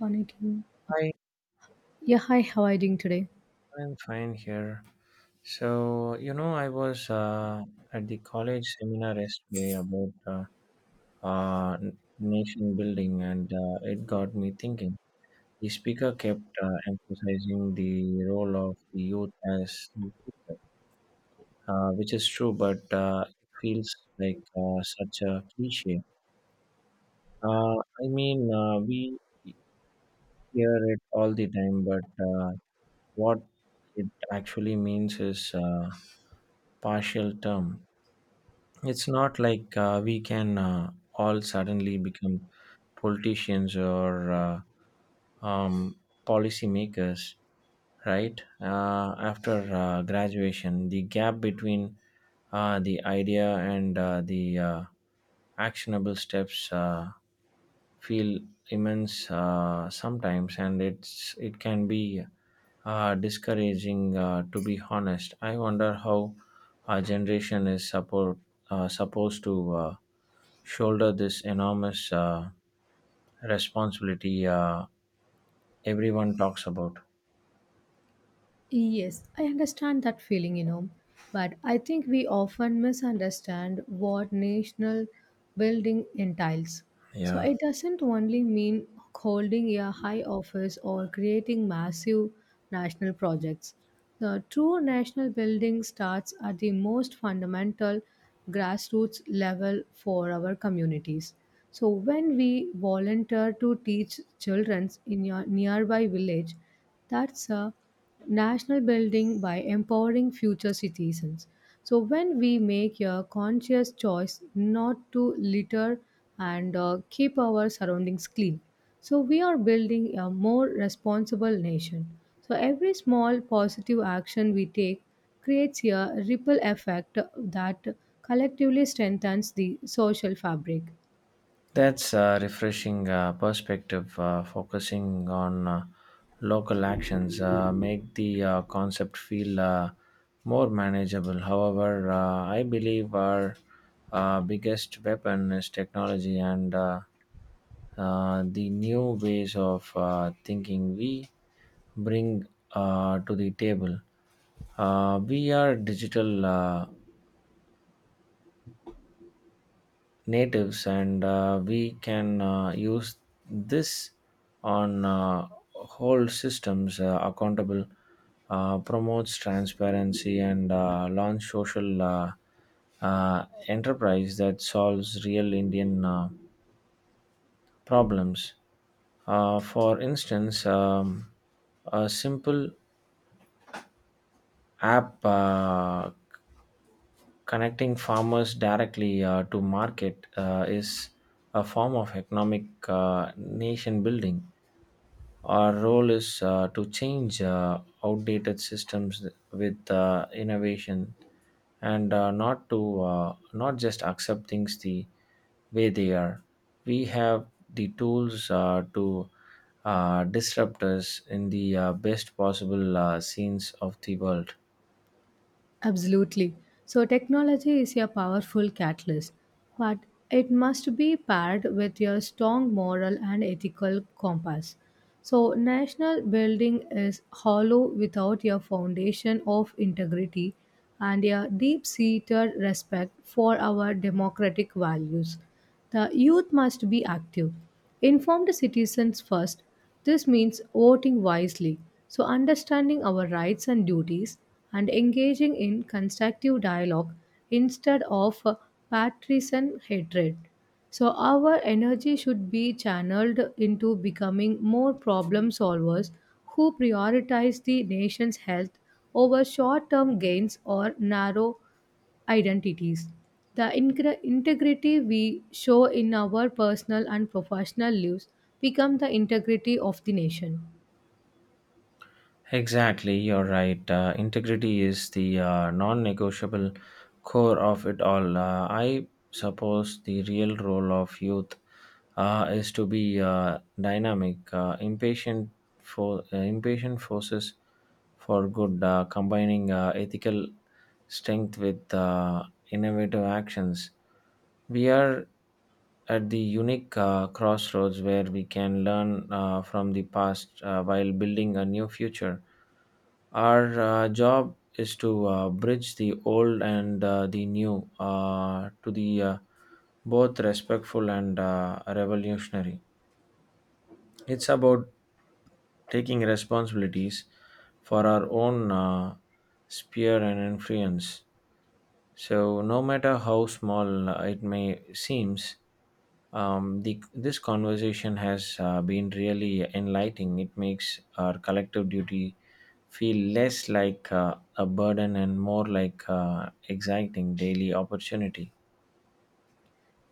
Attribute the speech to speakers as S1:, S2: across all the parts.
S1: Panicking. Okay.
S2: Hi,
S1: Yeah, hi, how are you doing today?
S2: I'm fine here. So, I was at the college seminar yesterday about uh, nation building, and it got me thinking. The speaker kept emphasizing the role of the youth as the future, which is true, but it feels like such a cliche. Uh, I mean, we hear it all the time, but what it actually means is partial term. It's not like we can all suddenly become politicians or um, policy makers, right? After graduation, the gap between the idea and the actionable steps feel immense sometimes, and it can be discouraging. To be honest, I wonder how our generation is support supposed to shoulder this enormous responsibility everyone talks about.
S1: Yes, I understand that feeling, you know, but I think we often misunderstand what national building entails. So
S2: Yeah.
S1: it doesn't only mean holding a high office or creating massive national projects. The true national building starts at the most fundamental grassroots level for our communities. So when we volunteer to teach children in your nearby village, that's a national building by empowering future citizens. So, when we make a conscious choice not to litter and keep our surroundings clean, so we are building a more responsible nation. So, every small positive action we take creates a ripple effect that collectively strengthens the social fabric.
S2: That's a refreshing perspective. Focusing on local actions make the concept feel more manageable. However, I believe our biggest weapon is technology and the new ways of thinking we bring to the table. We are digital natives, and we can use this on whole systems accountable, promotes transparency, and launch social enterprise that solves real Indian problems for instance, a simple app connecting farmers directly to market is a form of economic nation building. Our role is to change outdated systems with innovation and not just accept things the way they are. We have the tools to disrupt us in the best possible scenes of the world.
S1: Absolutely. So, technology is a powerful catalyst, but it must be paired with your strong moral and ethical compass. So, national building is hollow without your foundation of integrity and a deep seated respect for our democratic values. The youth must be active, informed citizens first, this means voting wisely, so understanding our rights and duties and engaging in constructive dialogue instead of partisan hatred. So, our energy should be channeled into becoming more problem solvers who prioritize the nation's health over short term gains or narrow identities. The integrity we show in our personal and professional lives become the integrity of the nation.
S2: Exactly, you're right. Integrity is the non negotiable core of it all. I suppose the real role of youth is to be dynamic, impatient forces for good, combining ethical strength with innovative actions. We are at the unique crossroads where we can learn from the past while building a new future. Our job is to bridge the old and the new to the both respectful and revolutionary. It's about taking responsibilities for our own sphere and influence. So, no matter how small it may seems, this conversation has been really enlightening. It makes our collective duty feel less like a burden and more like exciting daily opportunity.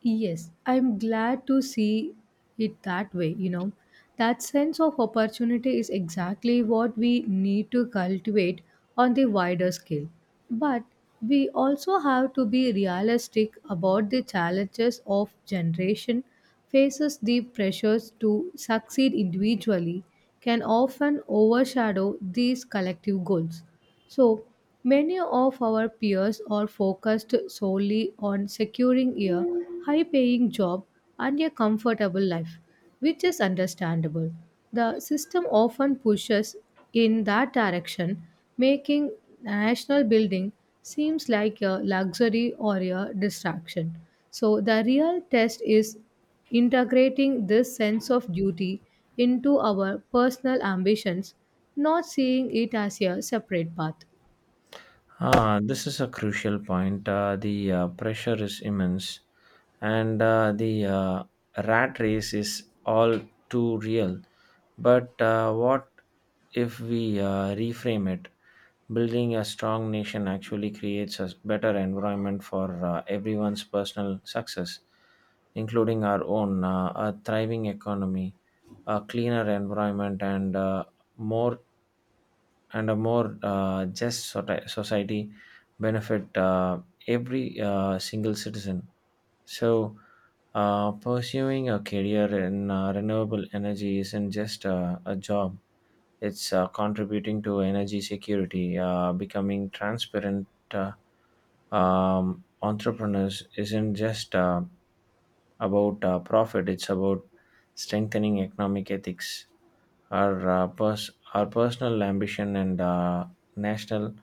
S1: Yes, I'm glad to see it that way, you know. That sense of opportunity is exactly what we need to cultivate on the wider scale. But we also have to be realistic about the challenges of generation faces the pressures to succeed individually can often overshadow these collective goals. So, many of our peers are focused solely on securing a high paying job and a comfortable life, which is understandable. The system often pushes in that direction, making national building seems like a luxury or a distraction. So the real test is integrating this sense of duty into our personal ambitions, not seeing it as a separate path.
S2: Ah, this is a crucial point. The pressure is immense, and the rat race is all too real. But what if we reframe it? Building a strong nation actually creates a better environment for everyone's personal success, including our own. A thriving economy, a cleaner environment, and more and a more just society benefit every single citizen. So, pursuing a career in renewable energy isn't just a job, it's contributing to energy security, becoming transparent. Entrepreneurs isn't just about profit, it's about strengthening economic ethics. Our personal ambition and national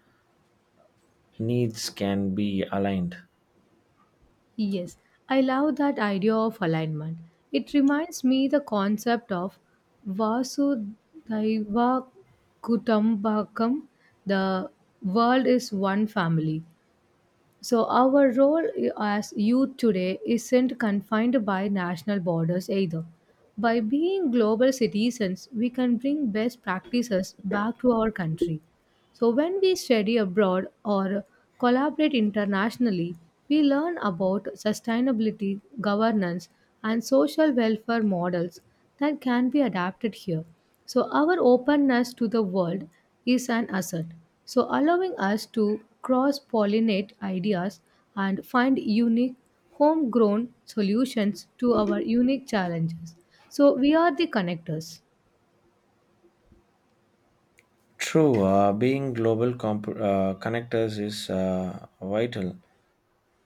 S2: needs can be aligned.
S1: Yes, I love that idea of alignment. It reminds me the concept of Vasudhaiva Kutumbakam, the world is one family. So our role as youth today isn't confined by national borders either. By being global citizens, we can bring best practices back to our country. So, when we study abroad or collaborate internationally, we learn about sustainability, governance, and social welfare models that can be adapted here. So, our openness to the world is an asset. So, allowing us to cross pollinate ideas and find unique homegrown solutions to our unique challenges. So, we are the connectors.
S2: True, being global connectors is vital,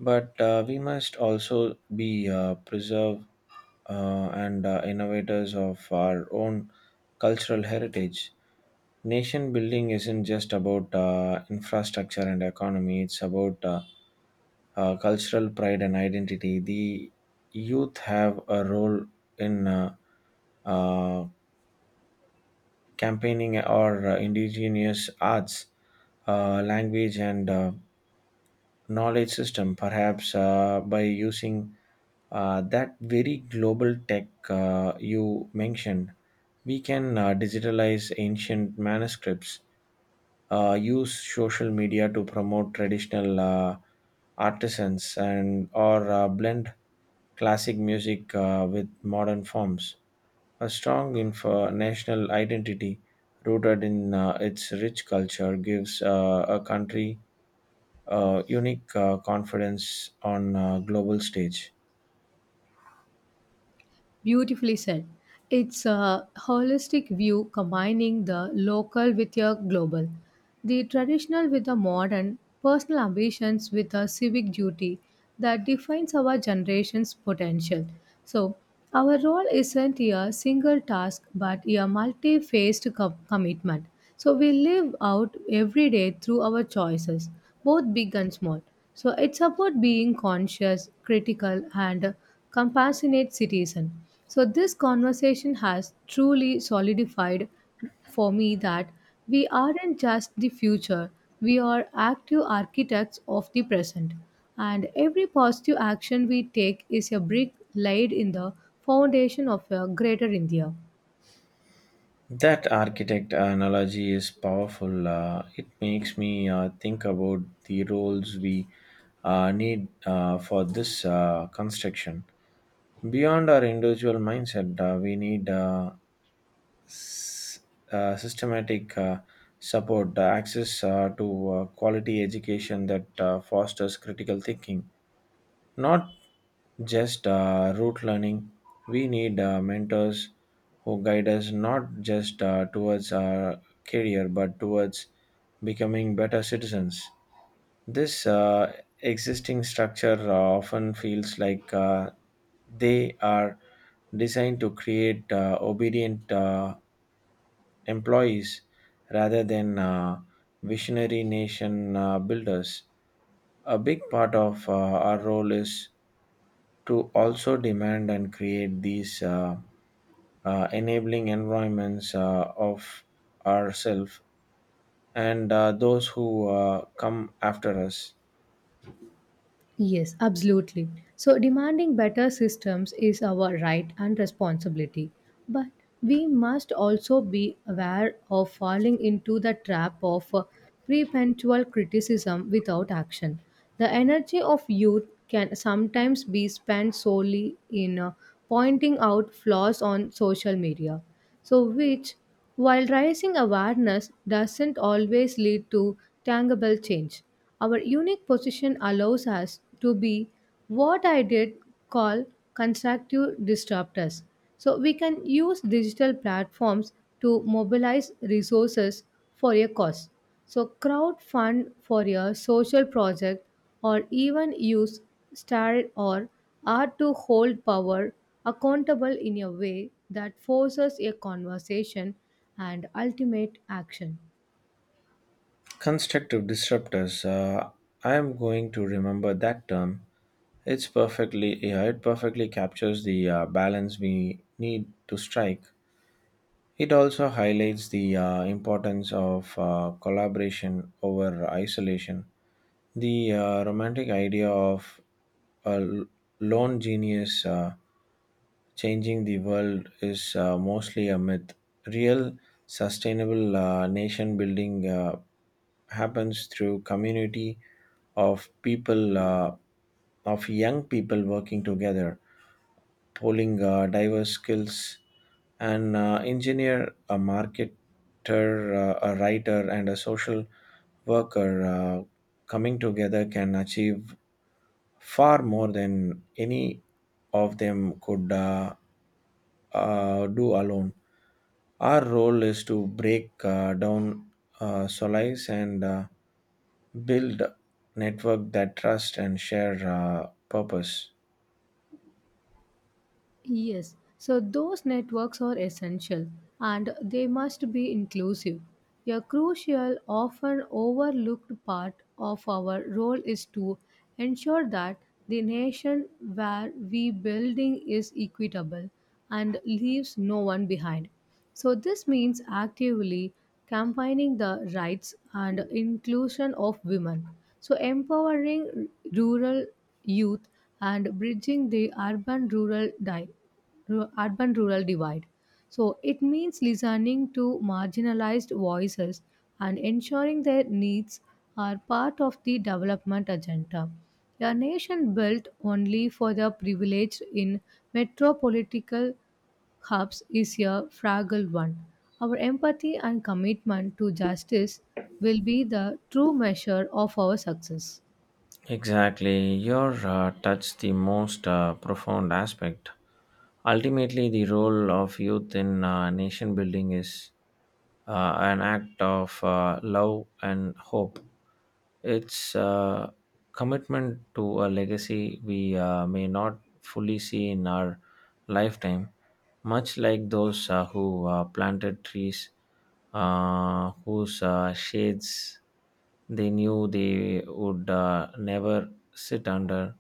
S2: but we must also be preserve and innovators of our own cultural heritage. Nation building isn't just about infrastructure and economy; it's about cultural pride and identity. The youth have a role in uh, campaigning or indigenous arts, language, and knowledge system, perhaps by using that very global tech you mentioned. We can digitalize ancient manuscripts, use social media to promote traditional artisans, and or blend classic music with modern forms. A strong info national identity rooted in its rich culture gives a country a unique confidence on a global stage.
S1: Beautifully said. It's a holistic view combining the local with your global, the traditional with the modern, personal ambitions with a civic duty that defines our generation's potential. So, our role isn't a single task but a multi faced commitment. So, we live out every day through our choices both big and small. So it's about being conscious, critical, and compassionate citizen. So this conversation has truly solidified for me that we aren't just the future, we are active architects of the present. And every positive action we take is a brick laid in the foundation of a greater India.
S2: That architect analogy is powerful. It makes me think about the roles we need for this construction. Beyond our individual mindset, we need s- systematic support, access to quality education that fosters critical thinking, not just rote learning. We need mentors who guide us not just towards our career but towards becoming better citizens. This existing structure often feels like they are designed to create obedient employees rather than visionary nation builders. A big part of our role is to also demand and create these enabling environments of ourselves and those who come after us.
S1: Yes, absolutely. So, demanding better systems is our right and responsibility. But we must also be aware of falling into the trap of perpetual criticism without action. The energy of youth can sometimes be spent solely in pointing out flaws on social media. So, which, while raising awareness, doesn't always lead to tangible change. Our unique position allows us to be what I did call constructive disruptors. So, we can use digital platforms to mobilize resources for a cause. So, crowdfund for a social project or even use started or are to hold power accountable in a way that forces a conversation and ultimate action.
S2: Constructive disruptors. I am going to remember that term. It's perfectly Yeah, it perfectly captures the balance we need to strike. It also highlights the importance of collaboration over isolation. The romantic idea of a l- lone genius changing the world is mostly a myth. Real sustainable nation building happens through community of people of young people working together, polling diverse skills, an engineer, a marketer, a writer, and a social worker coming together can achieve far more than any of them could do alone. Our role is to break down solace and build network that trust and share purpose.
S1: Yes, so those networks are essential and they must be inclusive. A crucial, often overlooked part of our role is to ensure that the nation where we building is equitable and leaves no one behind. So, this means actively campaigning the rights and inclusion of women. So, empowering rural youth and bridging the urban rural divide. So, it means listening to marginalized voices and ensuring their needs are part of the development agenda. A nation built only for the privileged in metropolitan Hobbes is a fragile one. Our empathy and commitment to justice will be the true measure of our success.
S2: Exactly. Your touched the most profound aspect. Ultimately, the role of youth in nation building is an act of love and hope. It's a commitment to a legacy we may not fully see in our lifetime, much like those who planted trees whose shades they knew they would never sit under.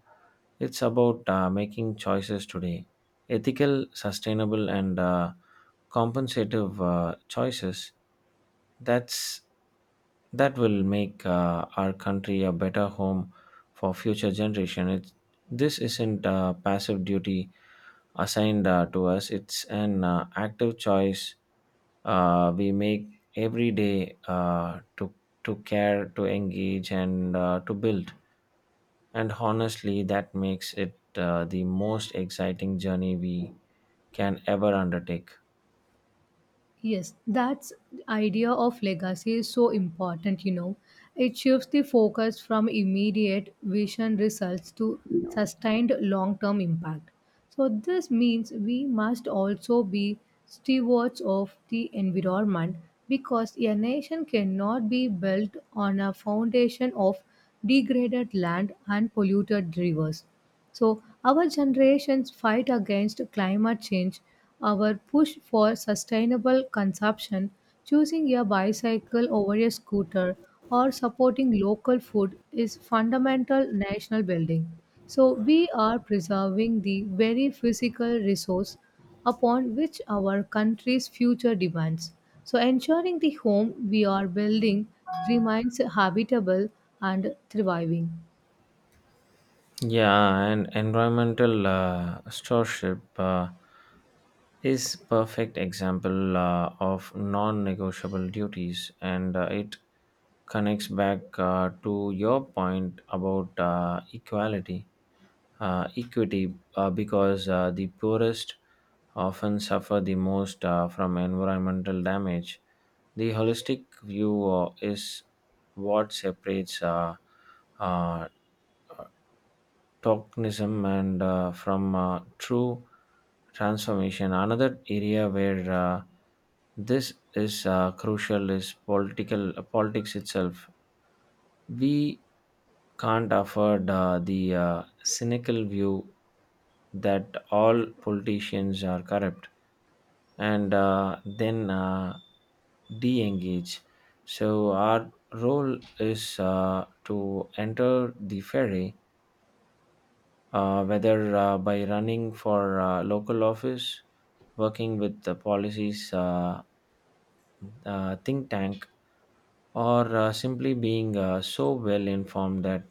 S2: It's about making choices today, ethical, sustainable, and compensative choices. That's that will make our country a better home for future generation. This isn't a passive duty assigned to us; it's an active choice we make every day to care, to engage, and to build, and honestly that makes it the most exciting journey we can ever undertake.
S1: Yes, that's idea of legacy is so important, you know. It shifts the focus from immediate vision results to sustained long-term impact. So this means we must also be stewards of the environment because a nation cannot be built on a foundation of degraded land and polluted rivers. So, our generation's fight against climate change, our push for sustainable consumption, choosing a bicycle over a scooter, or supporting local food is fundamental national building. So, we are preserving the very physical resource upon which our country's future depends. So, ensuring the home we are building remains habitable and thriving.
S2: Yeah, and environmental stewardship is perfect example of non-negotiable duties, and it connects back to your point about equality equity because the poorest often suffer the most from environmental damage. The holistic view is what separates uh, tokenism and from true transformation. Another area where this is crucial is political politics itself. We can't afford the cynical view that all politicians are corrupt, and then de engage. So, our role is to enter the ferry, whether by running for local office, working with the policies think tank, or simply being so well informed that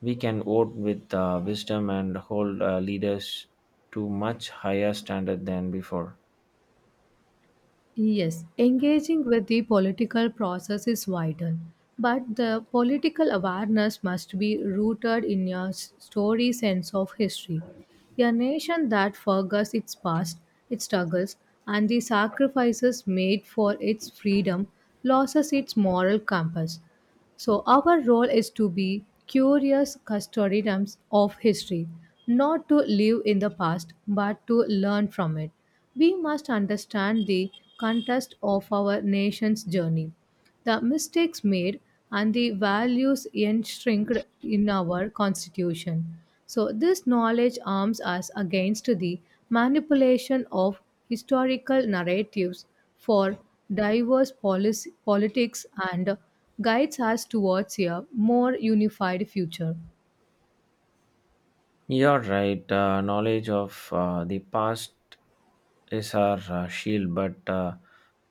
S2: we can vote with wisdom and hold leaders to much higher standard than before.
S1: Yes, engaging with the political process is vital, but the political awareness must be rooted in your story sense of history. A nation that forgets its past, its struggles, and the sacrifices made for its freedom loses its moral compass. So, our role is to be curious custodians of history, not to live in the past, but to learn from it. We must understand the context of our nation's journey, the mistakes made, and the values enshrined in our constitution. So, this knowledge arms us against the manipulation of historical narratives for diverse policy, politics and guides us towards a more unified future.
S2: You're right. Knowledge of the past is our shield, but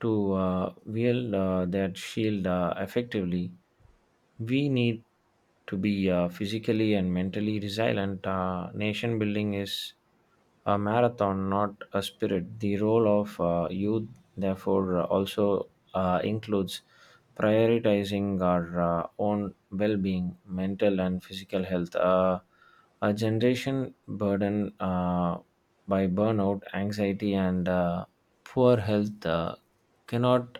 S2: to wield that shield effectively, we need to be physically and mentally resilient. Nation building is a marathon, not a spirit. The role of youth, therefore, also includes prioritizing our own well being, mental and physical health. A generation burden by burnout, anxiety, and poor health cannot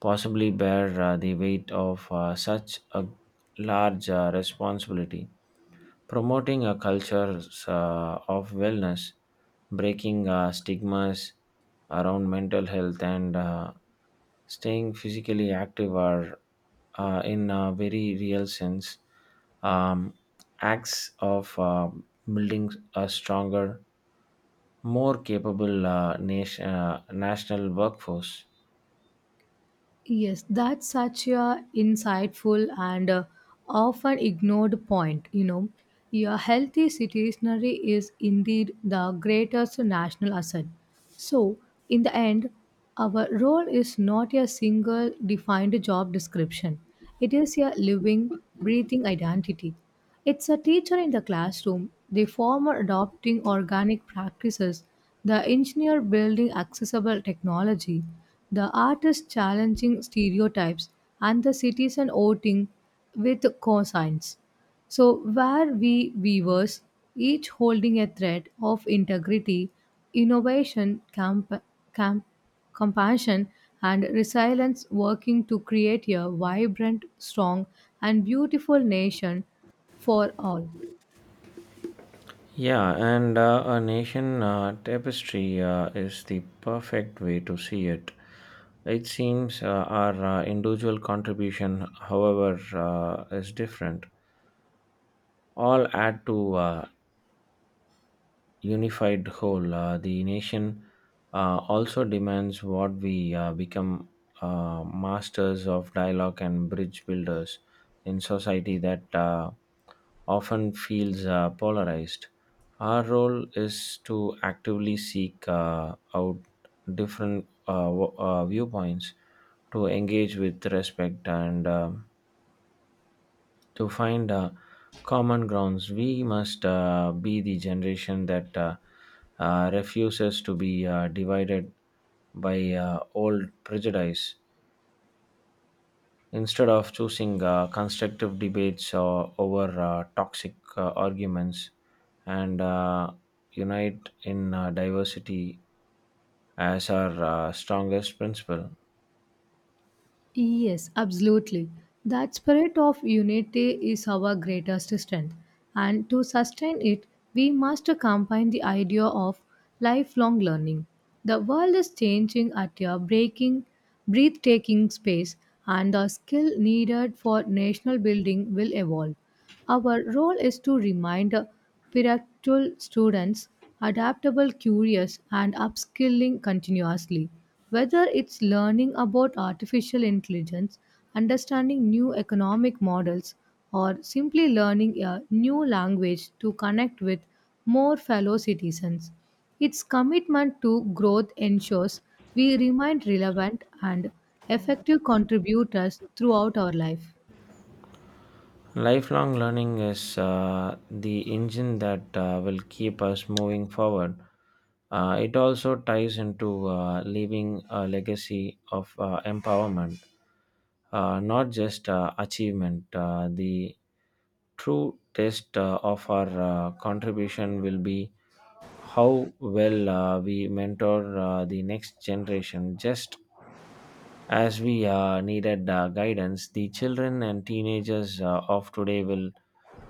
S2: possibly bear the weight of such a large responsibility. Promoting a culture of wellness, breaking stigmas around mental health, and staying physically active are, in a very real sense, um, acts of building a stronger, more capable national workforce.
S1: Yes, that's such a insightful and often ignored point. You know, a healthy citizenry is indeed the greatest national asset. So, in the end, our role is not a single defined job description. It is a living, breathing identity. It's a teacher in the classroom, the farmer adopting organic practices, the engineer building accessible technology, the artist challenging stereotypes, and the citizen voting with cosigns. So, where we viewers, each holding a thread of integrity, innovation, camp- compassion, and resilience, working to create a vibrant, strong, and beautiful nation for all.
S2: Yeah, and a nation tapestry is the perfect way to see it. It seems our individual contribution, however, is different. All add to unified whole. The nation also demands what we become masters of dialogue and bridge builders in society that often feels polarized. Our role is to actively seek out different viewpoints, to engage with respect, and to find common grounds. We must be the generation that refuses to be divided by old prejudice. Instead of choosing constructive debates over toxic arguments and unite in diversity as our strongest principle.
S1: Yes, absolutely. That spirit of unity is our greatest strength, and to sustain it, we must combine the idea of lifelong learning. The world is changing at a breathtaking pace, and the skill needed for national building will evolve. Our role is to remind Piratul students adaptable, curious, and upskilling continuously. Whether it's learning about artificial intelligence, understanding new economic models, or simply learning a new language to connect with more fellow citizens. Its commitment to growth ensures we remain relevant and effective contributors throughout our life.
S2: Lifelong learning is the engine that will keep us moving forward. It also ties into leaving a legacy of empowerment, not just achievement. The true test of our contribution will be how well we mentor the next generation. Just as we needed guidance, the children and teenagers of today will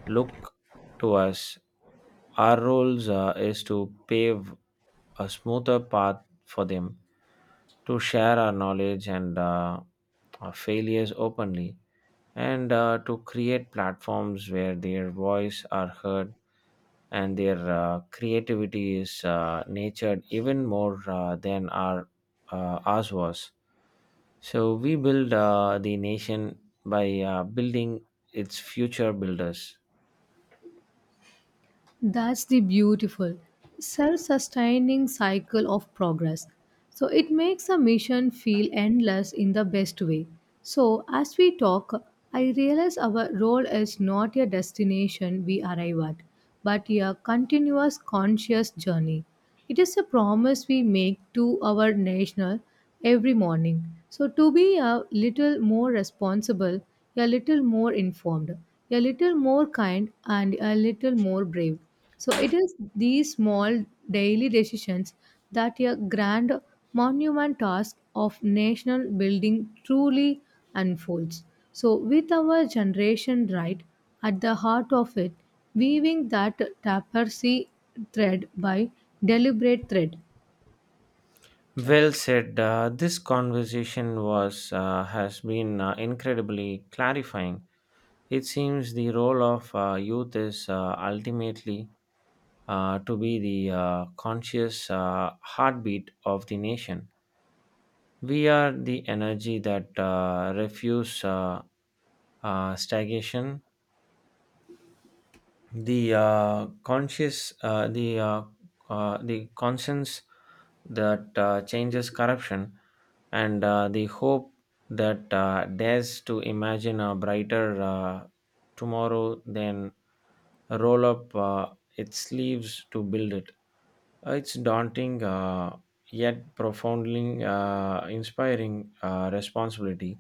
S2: look to us. Our roles is to pave a smoother path for them, to share our knowledge and our failures openly, and to create platforms where their voice are heard and their creativity is nurtured even more than ours was. So we build the nation by building its future builders.
S1: That's the beautiful self sustaining cycle of progress. So it makes a mission feel endless in the best way. So as we talk, I realize our role is not a destination we arrive at, but a continuous conscious journey. It is a promise we make to our national every morning. So, to be a little more responsible, a little more informed, a little more kind, and a little more brave. So, it is these small daily decisions that a grand monument task of national building truly unfolds. So, with our generation right at the heart of it, weaving that tapestry thread by deliberate thread.
S2: Well said. This conversation was has been incredibly clarifying. It seems the role of youth is ultimately to be the conscious heartbeat of the nation. We are the energy that refuse stagnation, the conscious the conscience that changes corruption and the hope that dares to imagine a brighter tomorrow, then roll up its sleeves to build it. It's daunting, yet profoundly inspiring responsibility,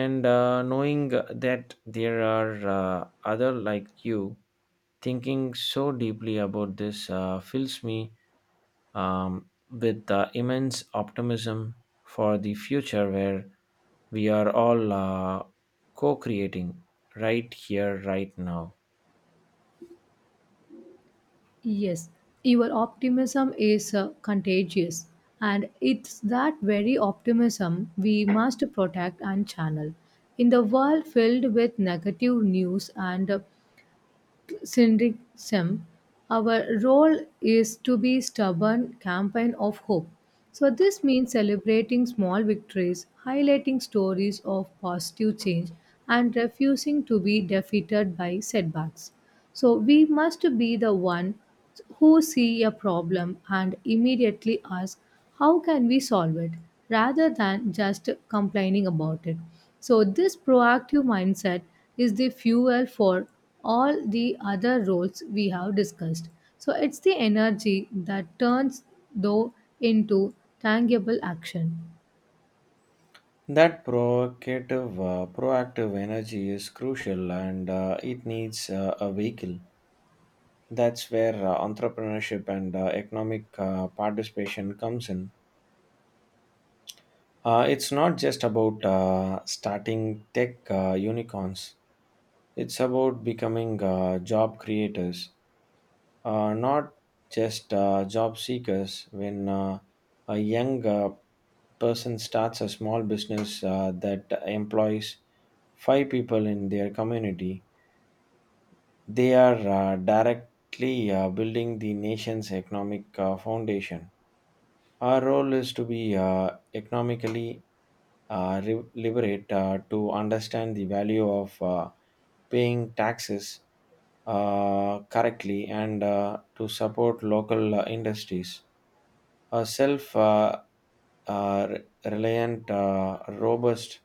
S2: and knowing that there are other like you thinking so deeply about this fills me with immense optimism for the future where we are all co-creating right here right now.
S1: Yes, your optimism is contagious, and it's that very optimism we must protect and channel. In the world filled with negative news and syndicalism, our role is to be stubborn campaign of hope. So this means celebrating small victories, highlighting stories of positive change, and refusing to be defeated by setbacks. So we must be the one who see a problem and immediately ask how can we solve it rather than just complaining about it. So this proactive mindset is the fuel for all the other roles we have discussed. So it's the energy that turns though into tangible action.
S2: That provocative proactive energy is crucial, and it needs a vehicle. That's where entrepreneurship and economic participation comes in. It's not just about starting tech unicorns, it's about becoming job creators, not just job seekers. When a young person starts a small business that employs five people in their community, they are directly building the nation's economic foundation. Our role is to be economically liberate, to understand the value of paying taxes correctly and to support local industries. A self uh, re- reliant, robust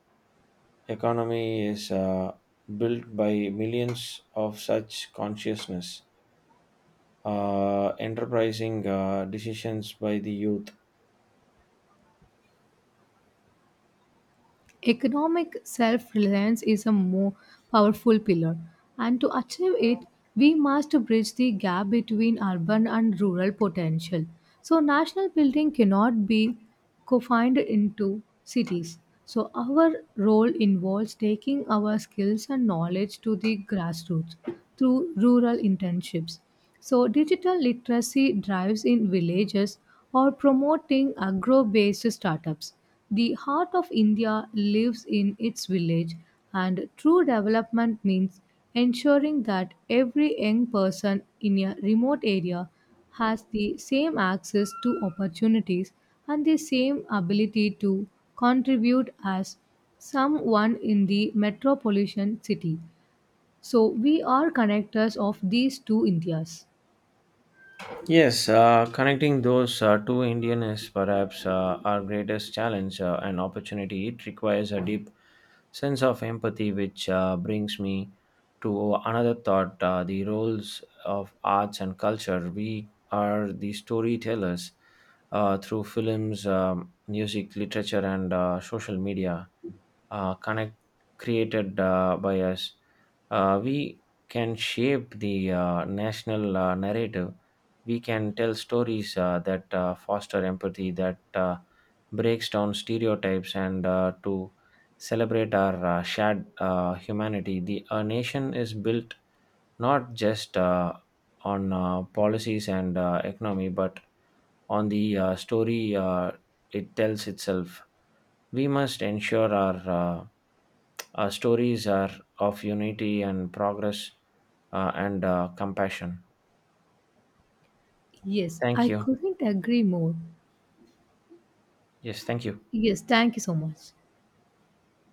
S2: economy is built by millions of such consciousness, enterprising decisions by the youth.
S1: Economic self reliance is a more powerful pillar, and to achieve it, we must bridge the gap between urban and rural potential. So, national building cannot be confined into cities. So, our role involves taking our skills and knowledge to the grassroots through rural internships. So, digital literacy drives in villages or promoting agro based startups. The heart of India lives in its village, and true development means ensuring that every young person in a remote area has the same access to opportunities and the same ability to contribute as someone in the metropolitan city. So, we are connectors of these two Indias.
S2: Yes, connecting those two Indian is perhaps our greatest challenge and opportunity. It requires a deep sense of empathy, which brings me to another thought: the roles of arts and culture. We are the storytellers through films, music, literature, and social media connect created by us, we can shape the national narrative. We can tell stories that foster empathy, that breaks down stereotypes, and to celebrate our shared humanity. The a nation is built not just on policies and economy, but on the story it tells itself. We must ensure our stories are of unity and progress, and compassion.
S1: Yes,
S2: Thank
S1: I
S2: you.
S1: couldn't agree more.
S2: Yes, thank you.
S1: Yes, thank you so much.